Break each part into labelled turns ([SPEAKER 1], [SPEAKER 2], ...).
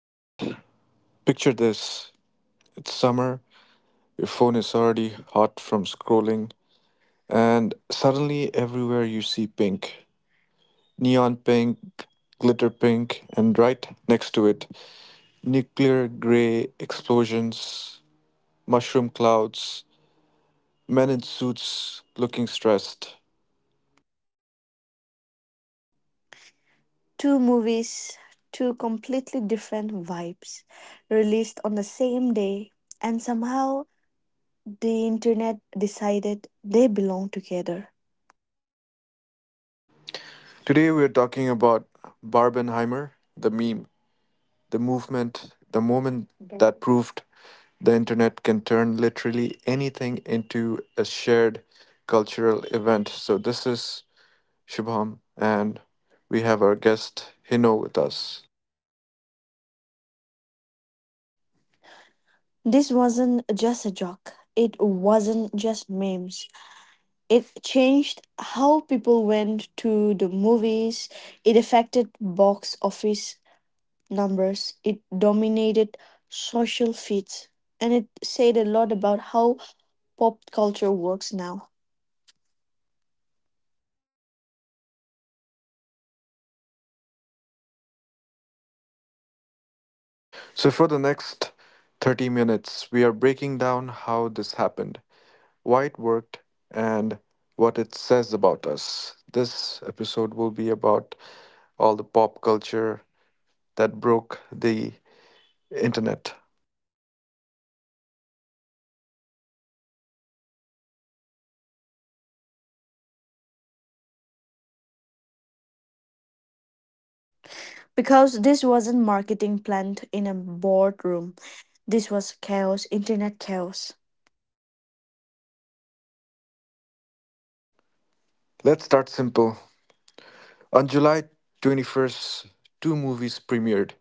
[SPEAKER 1] All right, picture this. It's summer, your phone is already hot from scrolling, and suddenly everywhere you see pink. Neon pink, glitter pink, and right next to it, nuclear gray explosions, mushroom clouds, men in suits looking stressed.
[SPEAKER 2] Two movies, two completely different vibes, released on the same day, and somehow the internet decided they belong together.
[SPEAKER 1] Today we're talking about Barbenheimer, the meme, the movement, the moment that proved the internet can turn literally anything into a shared cultural event. So this is Shubham, and we have our guest Hino with us.
[SPEAKER 2] This wasn't just a joke, it wasn't just memes. It changed how people went to the movies, it affected box office numbers, it dominated social feeds, and it said a lot about how pop culture works now.
[SPEAKER 1] So for the next 30 minutes, we are breaking down how this happened, why it worked, and what it says about us. This episode will be about all the pop culture that broke the internet.
[SPEAKER 2] Because this wasn't marketing planned in a boardroom. This was chaos, internet chaos.
[SPEAKER 1] Let's start simple. On July 21st, two movies premiered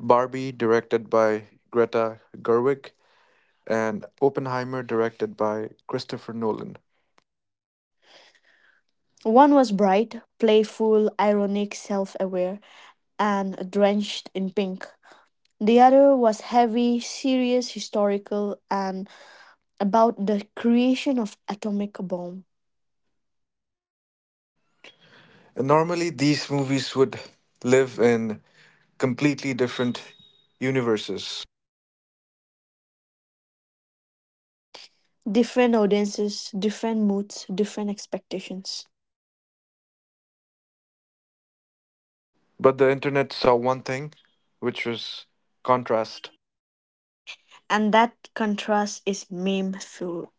[SPEAKER 1] Barbie, directed by Greta Gerwig, and Oppenheimer, directed by Christopher Nolan.
[SPEAKER 2] One was bright, playful, ironic, self aware, and drenched in pink. The other was heavy, serious, historical, and about the creation of atomic bomb.
[SPEAKER 1] And normally, these movies would live in completely different universes.
[SPEAKER 2] Different audiences, different moods, different expectations.
[SPEAKER 1] But the internet saw one thing, which was contrast.
[SPEAKER 2] And that contrast is meme fuel.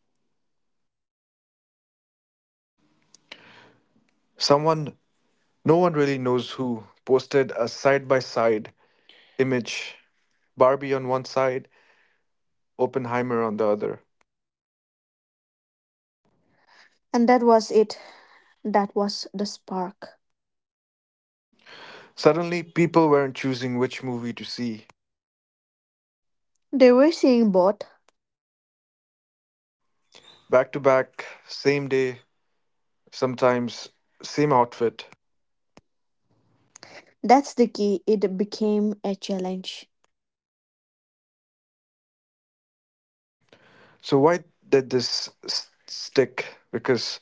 [SPEAKER 1] Someone, no one really knows who, posted a side by side image Barbie on one side, Oppenheimer on the other.
[SPEAKER 2] And that was it. That was the spark.
[SPEAKER 1] Suddenly, people weren't choosing which movie to see.
[SPEAKER 2] They were seeing both.
[SPEAKER 1] Back to back, same day, sometimes same outfit.
[SPEAKER 2] That's the key, it became a challenge.
[SPEAKER 1] So, why did this stick? Because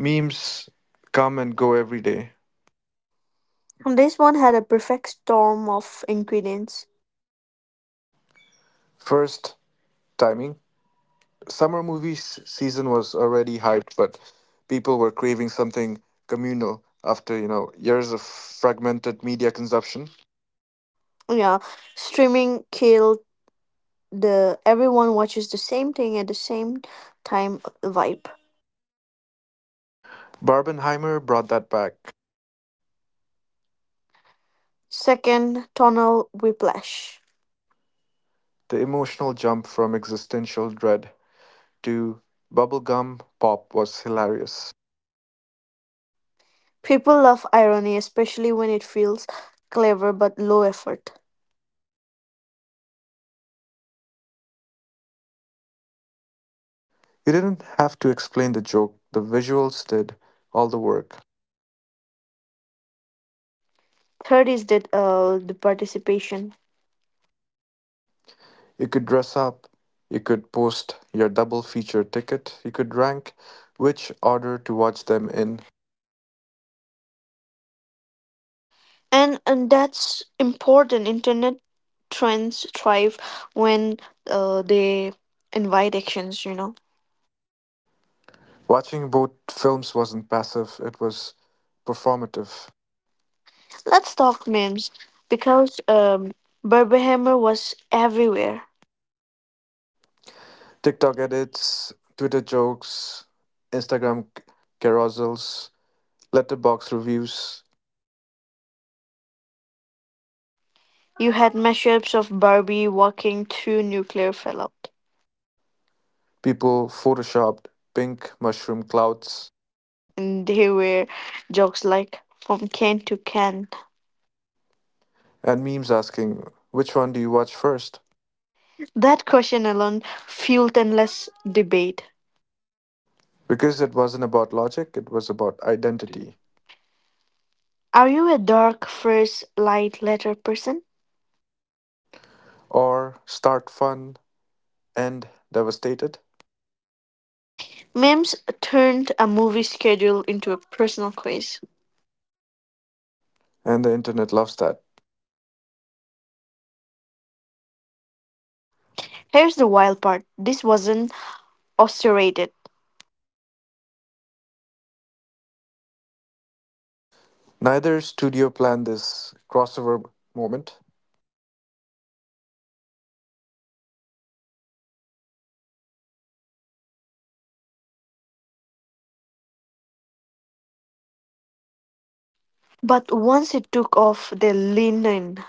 [SPEAKER 1] memes come and go every day.
[SPEAKER 2] And this one had a perfect storm of ingredients.
[SPEAKER 1] First, timing. Summer movie season was already hyped, but people were craving something communal after, you know, years of fragmented media consumption.
[SPEAKER 2] Yeah, streaming killed the everyone watches the same thing at the same time vibe.
[SPEAKER 1] Barbenheimer brought that back.
[SPEAKER 2] Second, tonal whiplash.
[SPEAKER 1] The emotional jump from existential dread to bubblegum pop was hilarious.
[SPEAKER 2] People love irony, especially when it feels clever but low effort.
[SPEAKER 1] You didn't have to explain the joke, the visuals did all the work.
[SPEAKER 2] Third is that the participation.
[SPEAKER 1] You could dress up, you could post your double feature ticket, you could rank which order to watch them in.
[SPEAKER 2] And that's important, internet trends thrive when they invite actions.
[SPEAKER 1] Watching both films wasn't passive, it was performative.
[SPEAKER 2] Let's talk memes because Barbenheimer was everywhere.
[SPEAKER 1] TikTok edits, Twitter jokes, Instagram carousels, letterbox reviews,
[SPEAKER 2] You had mashups of Barbie walking through nuclear fallout,
[SPEAKER 1] people photoshopped pink mushroom clouds
[SPEAKER 2] and they were jokes like from can to can.
[SPEAKER 1] and memes asking, which one do you watch first?
[SPEAKER 2] That question alone fueled endless debate.
[SPEAKER 1] Because it wasn't about logic, it was about identity.
[SPEAKER 2] Are you a dark first light letter person?
[SPEAKER 1] Or start fun, end devastated,
[SPEAKER 2] Memes turned a movie schedule into a personal quiz.
[SPEAKER 1] and the internet loves that.
[SPEAKER 2] Here's the wild part, this wasn't orchestrated,
[SPEAKER 1] Neither studio planned this crossover moment.
[SPEAKER 2] but once it took off, they leaned in.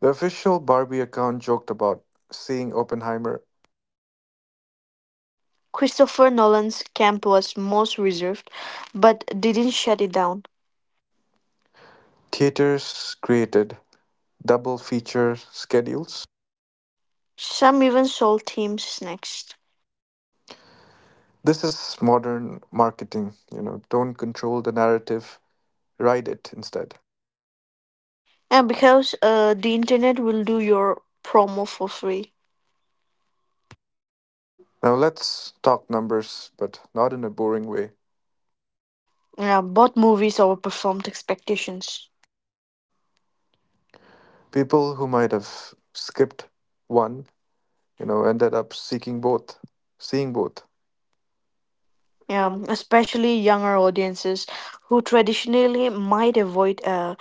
[SPEAKER 1] The official Barbie account joked about seeing Oppenheimer.
[SPEAKER 2] Christopher Nolan's camp was most reserved, but didn't shut it down.
[SPEAKER 1] Theaters created double feature schedules.
[SPEAKER 2] Some even sold teams snacks.
[SPEAKER 1] This is modern marketing, you know, don't control the narrative, ride it instead.
[SPEAKER 2] And because the internet will do your promo for free.
[SPEAKER 1] Now let's talk numbers, but not in a boring way.
[SPEAKER 2] Yeah, both movies overperformed expectations.
[SPEAKER 1] People who might have skipped one, you know, ended up seeking both, seeing both.
[SPEAKER 2] Yeah,
[SPEAKER 1] Yeah.
[SPEAKER 2] especially younger audiences who traditionally might avoid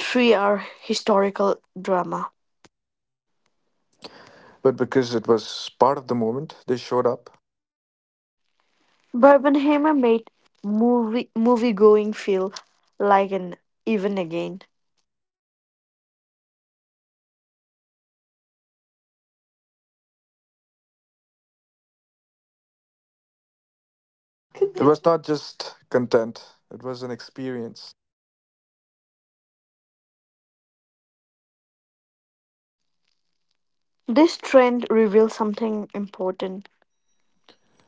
[SPEAKER 2] 3 hour historical drama.
[SPEAKER 1] But because it was part of the moment, they showed up.
[SPEAKER 2] Barbenheimer made movie going feel like an even again.
[SPEAKER 1] It was not just content, it was an experience.
[SPEAKER 2] This trend reveals something important.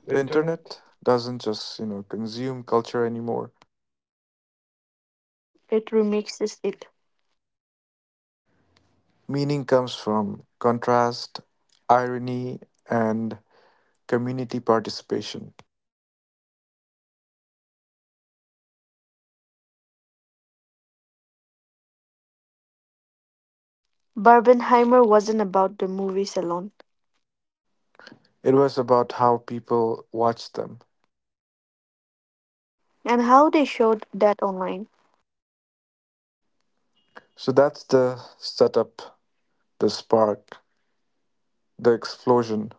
[SPEAKER 1] The internet doesn't just, you know, consume culture anymore.
[SPEAKER 2] It remixes it.
[SPEAKER 1] Meaning comes from contrast, irony, and community participation.
[SPEAKER 2] Barbenheimer wasn't about the movies alone,
[SPEAKER 1] It was about how people watched them.
[SPEAKER 2] and how they showed that online.
[SPEAKER 1] So that's the setup, the spark, the explosion.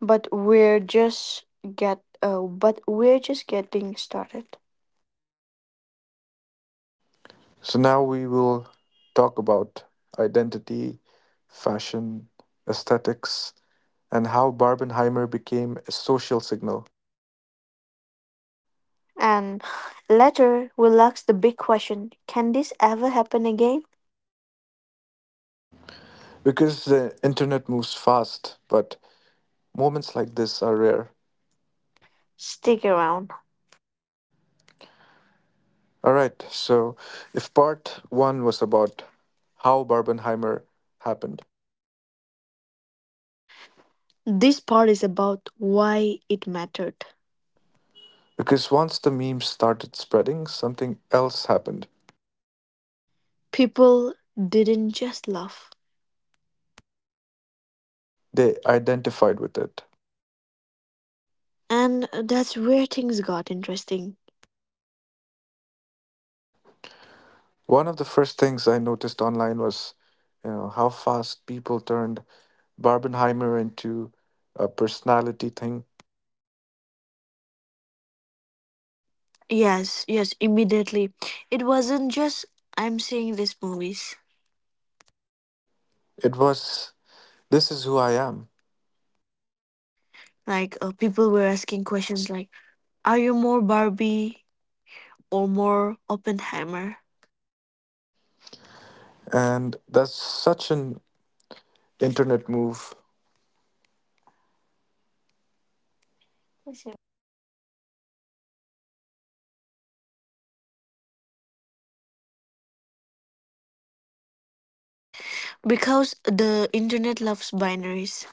[SPEAKER 2] But we're just getting started.
[SPEAKER 1] So now we will talk about identity, fashion, aesthetics, and how Barbenheimer became a social signal.
[SPEAKER 2] And later we'll ask the big question, can this ever happen again?
[SPEAKER 1] Because the internet moves fast, but moments like this are rare.
[SPEAKER 2] Stick around.
[SPEAKER 1] All right, so if part one was about how Barbenheimer happened.
[SPEAKER 2] This part is about why it mattered.
[SPEAKER 1] Because once the memes started spreading, something else happened.
[SPEAKER 2] People didn't just laugh.
[SPEAKER 1] They identified with it.
[SPEAKER 2] And that's where things got interesting.
[SPEAKER 1] One of the first things I noticed online was, you know, how fast people turned Barbenheimer into a personality thing.
[SPEAKER 2] Yes, yes, immediately. It wasn't just I'm seeing these movies.
[SPEAKER 1] It was this is who I am,
[SPEAKER 2] Like, people were asking questions like, "Are you more Barbie or more Oppenheimer?"
[SPEAKER 1] and that's such an internet move.
[SPEAKER 2] Because the internet loves binaries,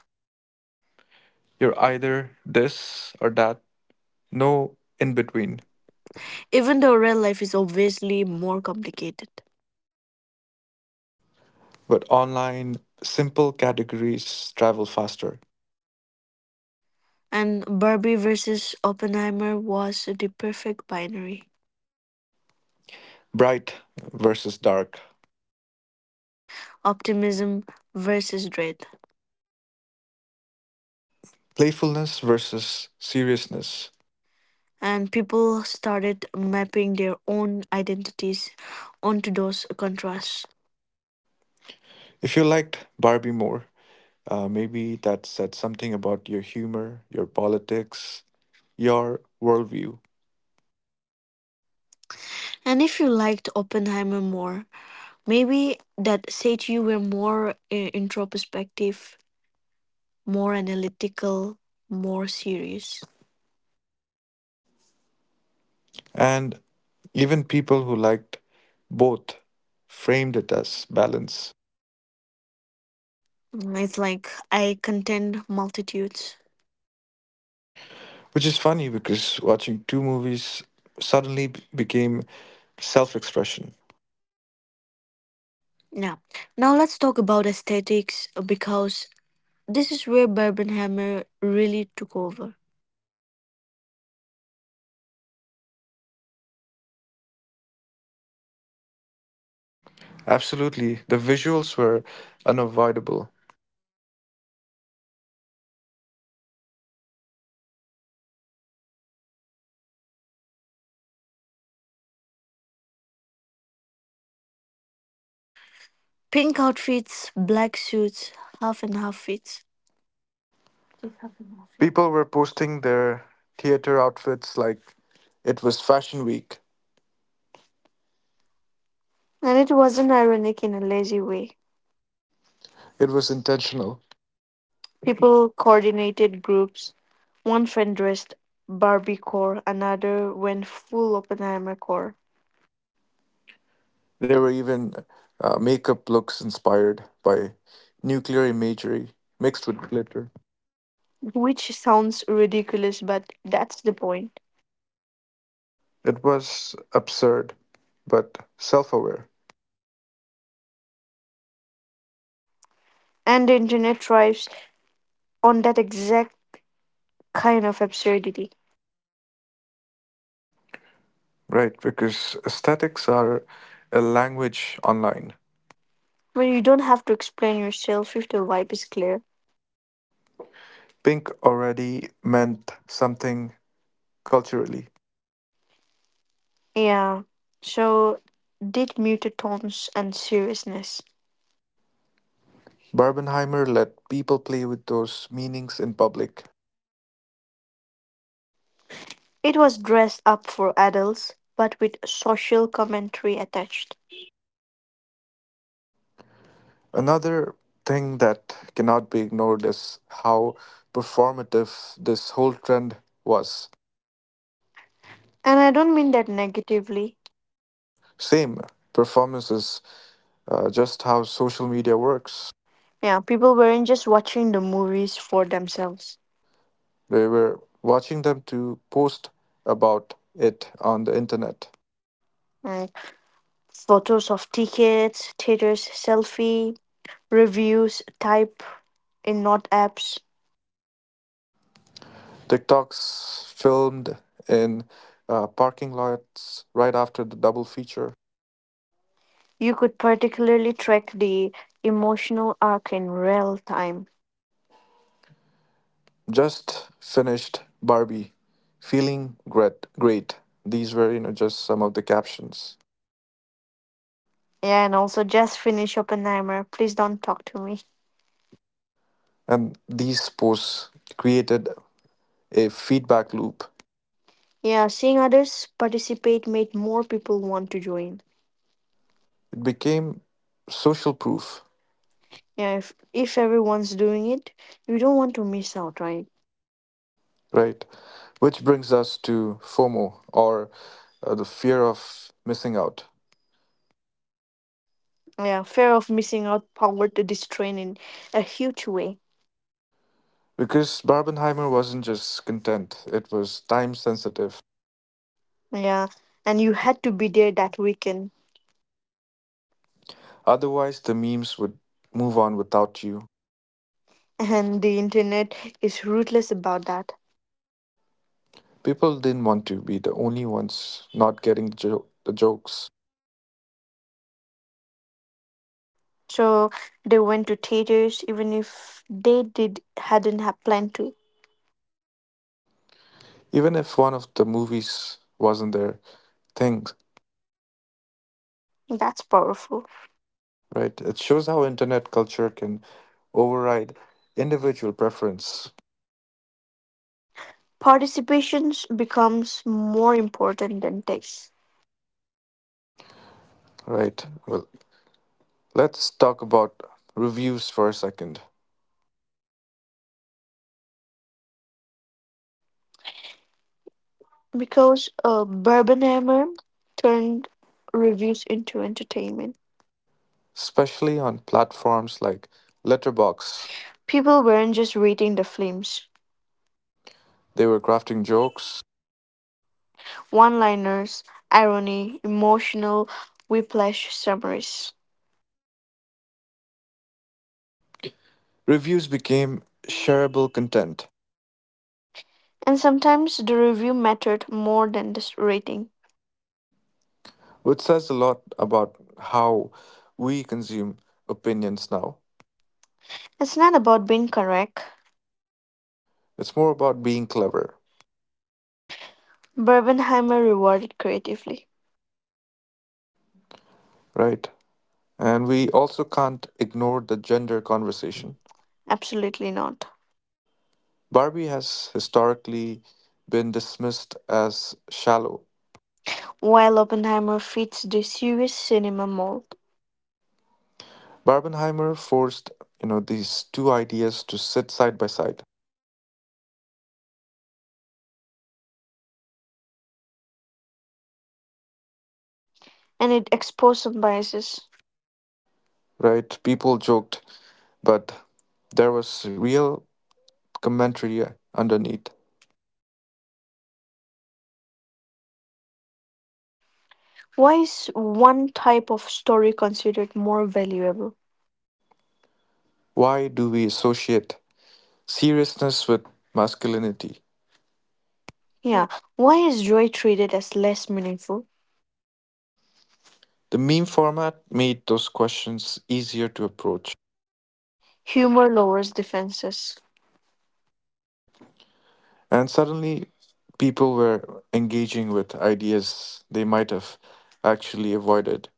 [SPEAKER 1] You're either this or that, no in between.
[SPEAKER 2] even though real life is obviously more complicated.
[SPEAKER 1] But online, simple categories travel faster.
[SPEAKER 2] And Barbie versus Oppenheimer was the perfect binary.
[SPEAKER 1] Bright versus dark,
[SPEAKER 2] Optimism versus dread.
[SPEAKER 1] playfulness versus seriousness.
[SPEAKER 2] And people started mapping their own identities onto those contrasts.
[SPEAKER 1] If you liked Barbie more, maybe that said something about your humor, your politics, your worldview.
[SPEAKER 2] And if you liked Oppenheimer more, maybe that said you were more introspective, more analytical, more serious.
[SPEAKER 1] And even people who liked both framed it as balance,
[SPEAKER 2] Mm, it's like I contend multitudes.
[SPEAKER 1] which is funny because watching two movies suddenly became self expression.
[SPEAKER 2] Yeah. Now let's talk about aesthetics, because this is where Barbenheimer really took over.
[SPEAKER 1] Absolutely. The visuals were unavoidable.
[SPEAKER 2] Pink outfits, black suits, half and half fits.
[SPEAKER 1] People were posting their theater outfits like it was fashion week.
[SPEAKER 2] And it wasn't ironic in a lazy way.
[SPEAKER 1] It was intentional.
[SPEAKER 2] People coordinated groups. One friend dressed Barbie core, another went full Oppenheimer core,
[SPEAKER 1] There were even makeup looks inspired by nuclear imagery mixed with glitter.
[SPEAKER 2] which sounds ridiculous, but that's the point.
[SPEAKER 1] It was absurd, but self aware,
[SPEAKER 2] And the internet thrives on that exact kind of absurdity,
[SPEAKER 1] right? Because aesthetics are a language online.
[SPEAKER 2] where you don't have to explain yourself if the vibe is clear.
[SPEAKER 1] Pink already meant something culturally.
[SPEAKER 2] Yeah, so did muted tones and seriousness.
[SPEAKER 1] Barbenheimer let people play with those meanings in public.
[SPEAKER 2] It was dressed up for adults, but with social commentary attached.
[SPEAKER 1] Another thing that cannot be ignored is how performative this whole trend was.
[SPEAKER 2] And I don't mean that negatively.
[SPEAKER 1] Same performances. Just how social media works.
[SPEAKER 2] Yeah, people weren't just watching the movies for themselves.
[SPEAKER 1] We were watching them to post about it on the internet.
[SPEAKER 2] Like photos of tickets, theaters, selfie, reviews, type in not apps.
[SPEAKER 1] TikToks filmed in parking lots right after the double feature.
[SPEAKER 2] You could particularly track the emotional arc in real time.
[SPEAKER 1] Just finished Barbie, feeling great. Great. These were, you know, just some of the captions,
[SPEAKER 2] Yeah, and also just finish Oppenheimer. Please don't talk to me.
[SPEAKER 1] and these posts created a feedback loop.
[SPEAKER 2] Yeah, seeing others participate made more people want to join.
[SPEAKER 1] It became social proof,
[SPEAKER 2] Yeah, if everyone's doing it, you don't want to miss out, right?
[SPEAKER 1] right? Which brings us to FOMO or the fear of missing out.
[SPEAKER 2] Yeah, fear of missing out powered the this train in a huge way.
[SPEAKER 1] Because Barbenheimer wasn't just content, it was time sensitive.
[SPEAKER 2] Yeah, and you had to be there that weekend,
[SPEAKER 1] Otherwise, the memes would move on without you.
[SPEAKER 2] and the internet is ruthless about that.
[SPEAKER 1] People didn't want to be the only ones not getting the, the jokes.
[SPEAKER 2] So they went to theaters even if they did hadn't have planned to.
[SPEAKER 1] Even if one of the movies wasn't their thing,
[SPEAKER 2] That's powerful.
[SPEAKER 1] right? It shows how internet culture can override individual preference,
[SPEAKER 2] Participations becomes more important than text
[SPEAKER 1] right? Well, let's talk about reviews for a second.
[SPEAKER 2] because Barbenheimer turned reviews into entertainment.
[SPEAKER 1] Especially on platforms like Letterbox.
[SPEAKER 2] People weren't just reading the films.
[SPEAKER 1] They were crafting jokes.
[SPEAKER 2] One liners, irony, emotional whiplash summaries.
[SPEAKER 1] Reviews became shareable content,
[SPEAKER 2] And sometimes the review mattered more than the rating.
[SPEAKER 1] which says a lot about how we consume opinions now.
[SPEAKER 2] It's not about being correct.
[SPEAKER 1] It's more about being clever,
[SPEAKER 2] Barbenheimer rewarded creatively.
[SPEAKER 1] right? And we also can't ignore the gender conversation.
[SPEAKER 2] Absolutely not.
[SPEAKER 1] Barbie has historically been dismissed as shallow.
[SPEAKER 2] While Oppenheimer fits the serious cinema mold,
[SPEAKER 1] Barbenheimer forced, you know, these two ideas to sit side by side,
[SPEAKER 2] and it exposes some biases.
[SPEAKER 1] right? People joked but there was real commentary underneath.
[SPEAKER 2] Why is one type of story considered more valuable?
[SPEAKER 1] Why do we associate seriousness with masculinity? Yeah.
[SPEAKER 2] Yeah, why is joy treated as less meaningful?
[SPEAKER 1] The meme format made those questions easier to approach,
[SPEAKER 2] Humor lowers defenses.
[SPEAKER 1] and suddenly people were engaging with ideas they might have actually avoided.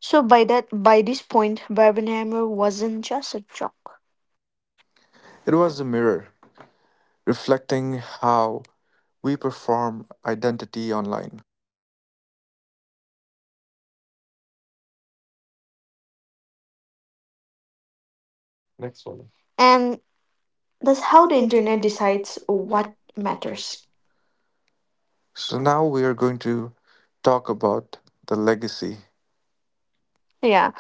[SPEAKER 2] So by that, by this point, Barbenheimer wasn't just a joke.
[SPEAKER 1] It was a mirror reflecting how we perform identity online.
[SPEAKER 2] And that's
[SPEAKER 1] That's
[SPEAKER 2] how
[SPEAKER 1] how
[SPEAKER 2] the
[SPEAKER 1] the
[SPEAKER 2] internet
[SPEAKER 1] internet
[SPEAKER 2] decides
[SPEAKER 1] decides
[SPEAKER 2] what
[SPEAKER 1] what
[SPEAKER 2] matters.
[SPEAKER 1] matters. So now we are going to talk about the legacy
[SPEAKER 2] Yeah,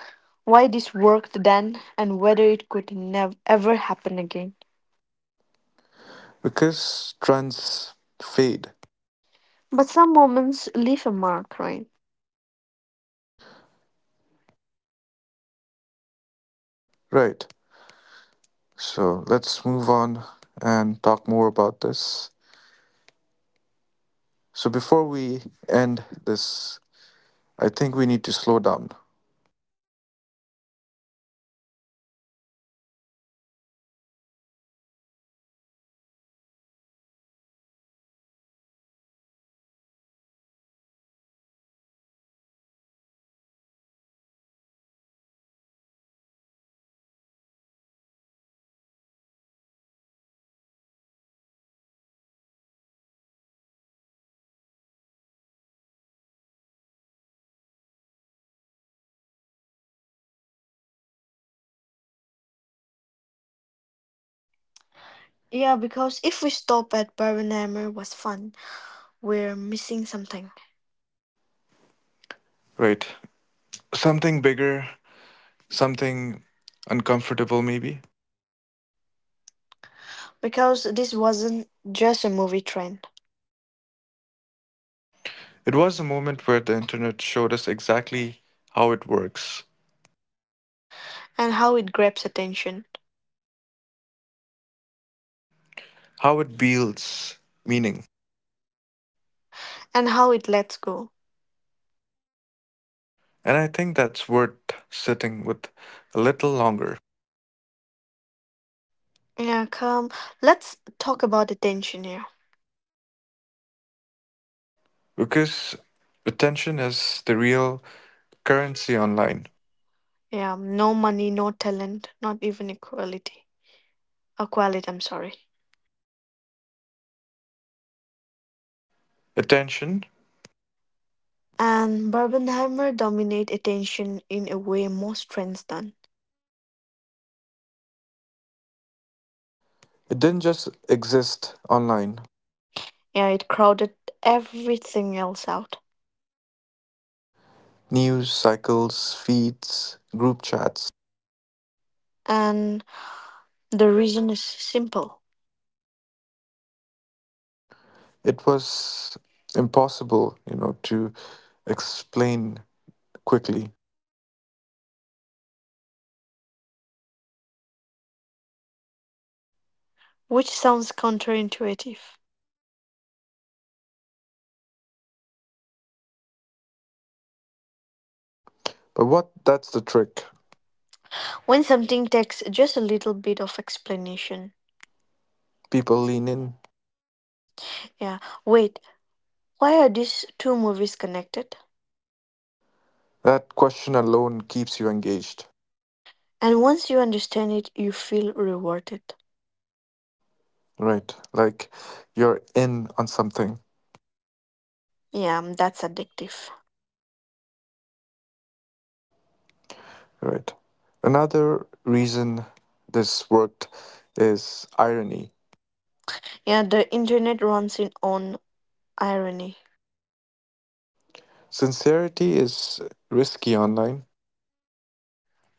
[SPEAKER 2] why this worked then and whether it could never ever happen again.
[SPEAKER 1] because trends fade,
[SPEAKER 2] But some moments leave a mark, right?
[SPEAKER 1] right? So let's move on and talk more about this. So before we end this, I think we need to slow down,
[SPEAKER 2] Yeah, because if we stop at Barbenheimer was fun, we're missing something.
[SPEAKER 1] right? Something bigger, something uncomfortable, maybe.
[SPEAKER 2] Because this wasn't just a movie trend,
[SPEAKER 1] It was a moment where the internet showed us exactly how it works,
[SPEAKER 2] and how it grabs attention,
[SPEAKER 1] how it builds meaning.
[SPEAKER 2] and how it lets go.
[SPEAKER 1] And I think that's worth sitting with a little longer.
[SPEAKER 2] Yeah, come. Let's talk about attention here.
[SPEAKER 1] Because attention is the real currency online.
[SPEAKER 2] Yeah, no money, no talent, not even equality. Equality, I'm sorry.
[SPEAKER 1] Attention,
[SPEAKER 2] And Barbenheimer dominate attention in a way most trends done.
[SPEAKER 1] it didn't just exist online.
[SPEAKER 2] Yeah, it crowded everything else out.
[SPEAKER 1] News cycles, feeds, group chats.
[SPEAKER 2] And the reason is simple,
[SPEAKER 1] It was impossible, you know, to explain quickly.
[SPEAKER 2] which sounds counterintuitive.
[SPEAKER 1] But what that's the trick.
[SPEAKER 2] When something takes just a little bit of explanation,
[SPEAKER 1] People lean in.
[SPEAKER 2] yeah, wait, why are these two movies connected?
[SPEAKER 1] That question alone keeps you engaged,
[SPEAKER 2] And once you understand it, you feel rewarded.
[SPEAKER 1] right? Like you're in on something,
[SPEAKER 2] Yeah, mm, that's addictive.
[SPEAKER 1] right? Another reason this worked is irony.
[SPEAKER 2] Yeah, the internet runs in on irony.
[SPEAKER 1] Sincerity is risky online.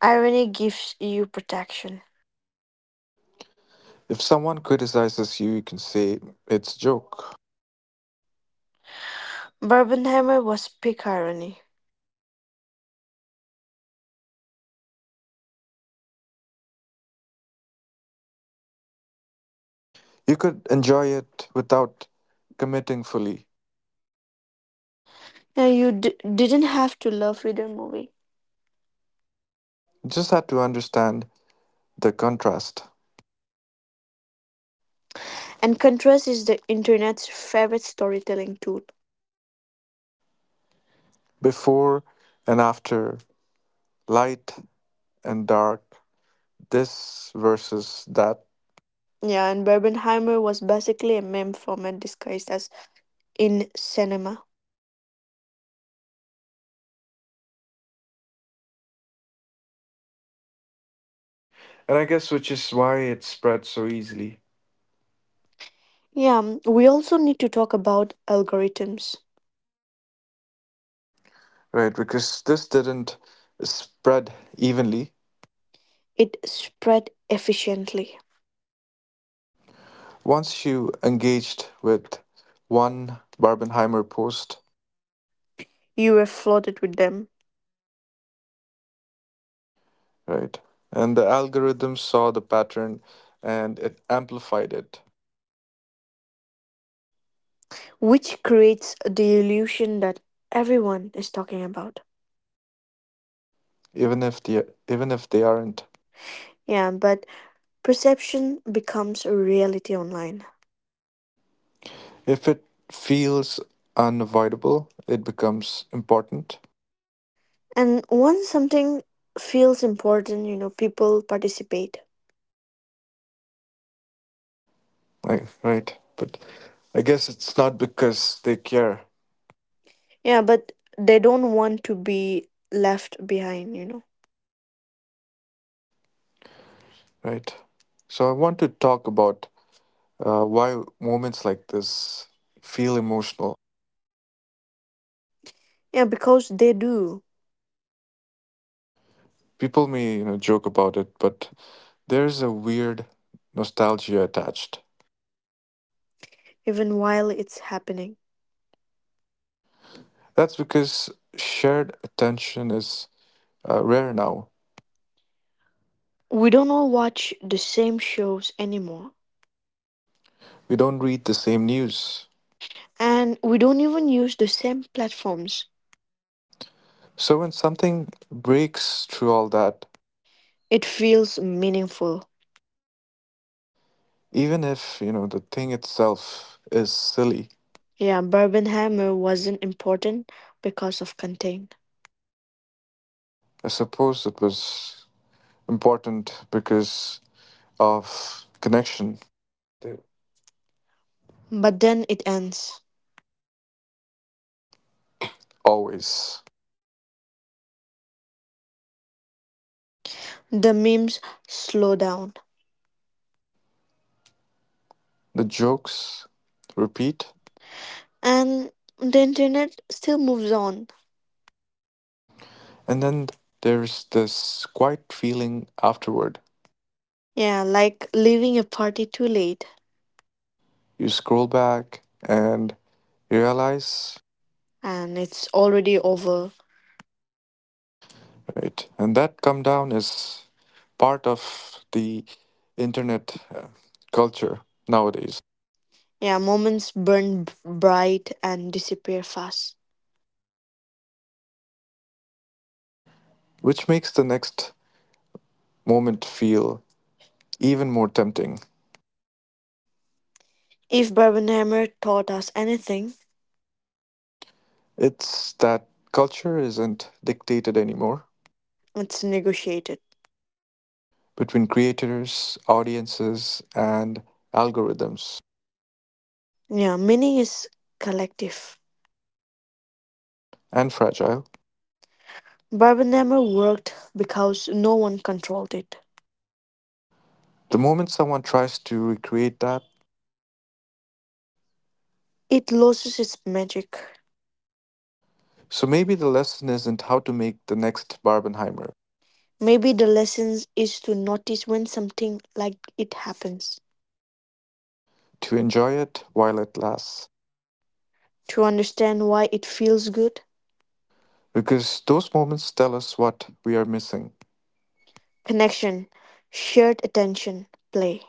[SPEAKER 2] Irony gives you protection.
[SPEAKER 1] If someone criticizes you, you can say it's a joke.
[SPEAKER 2] Barbenheimer was peak irony.
[SPEAKER 1] You could enjoy it without committing fully.
[SPEAKER 2] Yeah, you didn't have to love either movie.
[SPEAKER 1] You just had to understand the contrast.
[SPEAKER 2] And contrast is the internet's favorite storytelling tool.
[SPEAKER 1] Before and after, light and dark, this versus that.
[SPEAKER 2] Yeah, and Barbenheimer was basically a meme format disguised as in cinema.
[SPEAKER 1] And I guess which is why it spread so easily.
[SPEAKER 2] Yeah, mm, we also need to talk about algorithms.
[SPEAKER 1] Right, because this didn't spread evenly.
[SPEAKER 2] It spread efficiently.
[SPEAKER 1] Once you engaged with one Barbenheimer post,
[SPEAKER 2] You were flooded with them,
[SPEAKER 1] right. And the algorithm saw the pattern and it amplified it,
[SPEAKER 2] which creates the illusion that everyone is talking about.
[SPEAKER 1] even if they aren't.
[SPEAKER 2] Yeah, but perception becomes a reality online.
[SPEAKER 1] If it feels unavoidable, it becomes important.
[SPEAKER 2] And once something feels important, you know, people participate.
[SPEAKER 1] Right. But I guess it's not because they care,
[SPEAKER 2] Yeah, but they don't want to be left behind, you know.
[SPEAKER 1] right? So I want to talk about why moments like this feel emotional.
[SPEAKER 2] Yeah, because they do,
[SPEAKER 1] People may, you know, joke about it, but there's a weird nostalgia attached.
[SPEAKER 2] even while it's happening.
[SPEAKER 1] That's because shared attention is rare now.
[SPEAKER 2] We don't all watch the same shows anymore,
[SPEAKER 1] We don't read the same news.
[SPEAKER 2] and we don't even use the same platforms.
[SPEAKER 1] So when something breaks through all that,
[SPEAKER 2] It feels meaningful.
[SPEAKER 1] even if, you know, the thing itself is silly,
[SPEAKER 2] Yeah, Barbenheimer wasn't important because of content.
[SPEAKER 1] I suppose it was important because of connection
[SPEAKER 2] But then it ends.
[SPEAKER 1] always.
[SPEAKER 2] The memes slow down.
[SPEAKER 1] The jokes repeat,
[SPEAKER 2] And the internet still moves on.
[SPEAKER 1] and then there's this quiet feeling afterward.
[SPEAKER 2] Yeah, like leaving a party too late
[SPEAKER 1] You scroll back and you realize
[SPEAKER 2] and it's already over.
[SPEAKER 1] right? And that come down is part of the internet culture nowadays,
[SPEAKER 2] Yeah, moments burn bright and disappear fast.
[SPEAKER 1] which makes the next moment feel even more tempting.
[SPEAKER 2] If Barbenheimer taught us anything,
[SPEAKER 1] It's that culture isn't dictated anymore
[SPEAKER 2] it's negotiated.
[SPEAKER 1] between creators, audiences, and algorithms,
[SPEAKER 2] Yeah, meaning is collective.
[SPEAKER 1] and fragile.
[SPEAKER 2] Barbenheimer worked because no one controlled it.
[SPEAKER 1] The moment someone tries to recreate that,
[SPEAKER 2] It loses its magic.
[SPEAKER 1] so maybe the lesson isn't how to make the next Barbenheimer,
[SPEAKER 2] Maybe the lesson is to notice when something like it happens,
[SPEAKER 1] to enjoy it while it lasts.
[SPEAKER 2] to understand why it feels good.
[SPEAKER 1] Because those moments tell us what we are missing.
[SPEAKER 2] Connection, shared attention, play.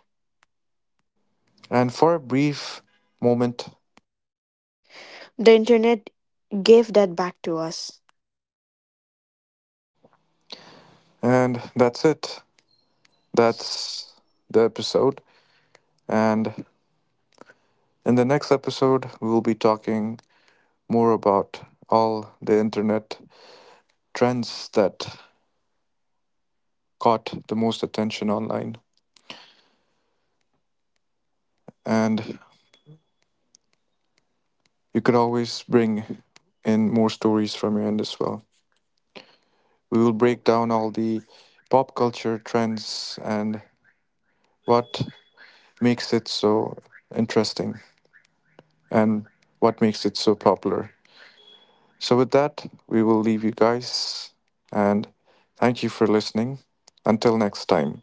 [SPEAKER 1] And for a brief moment,
[SPEAKER 2] The internet gave that back to us.
[SPEAKER 1] and that's it. That's the episode. And in the next episode, we'll be talking more about all the internet trends that caught the most attention online. And you could always bring in more stories from your end as well. We will break down all the pop culture trends and what makes it so interesting. And what makes it so popular. So, with that, we will leave you guys and thank you for listening. Until next time.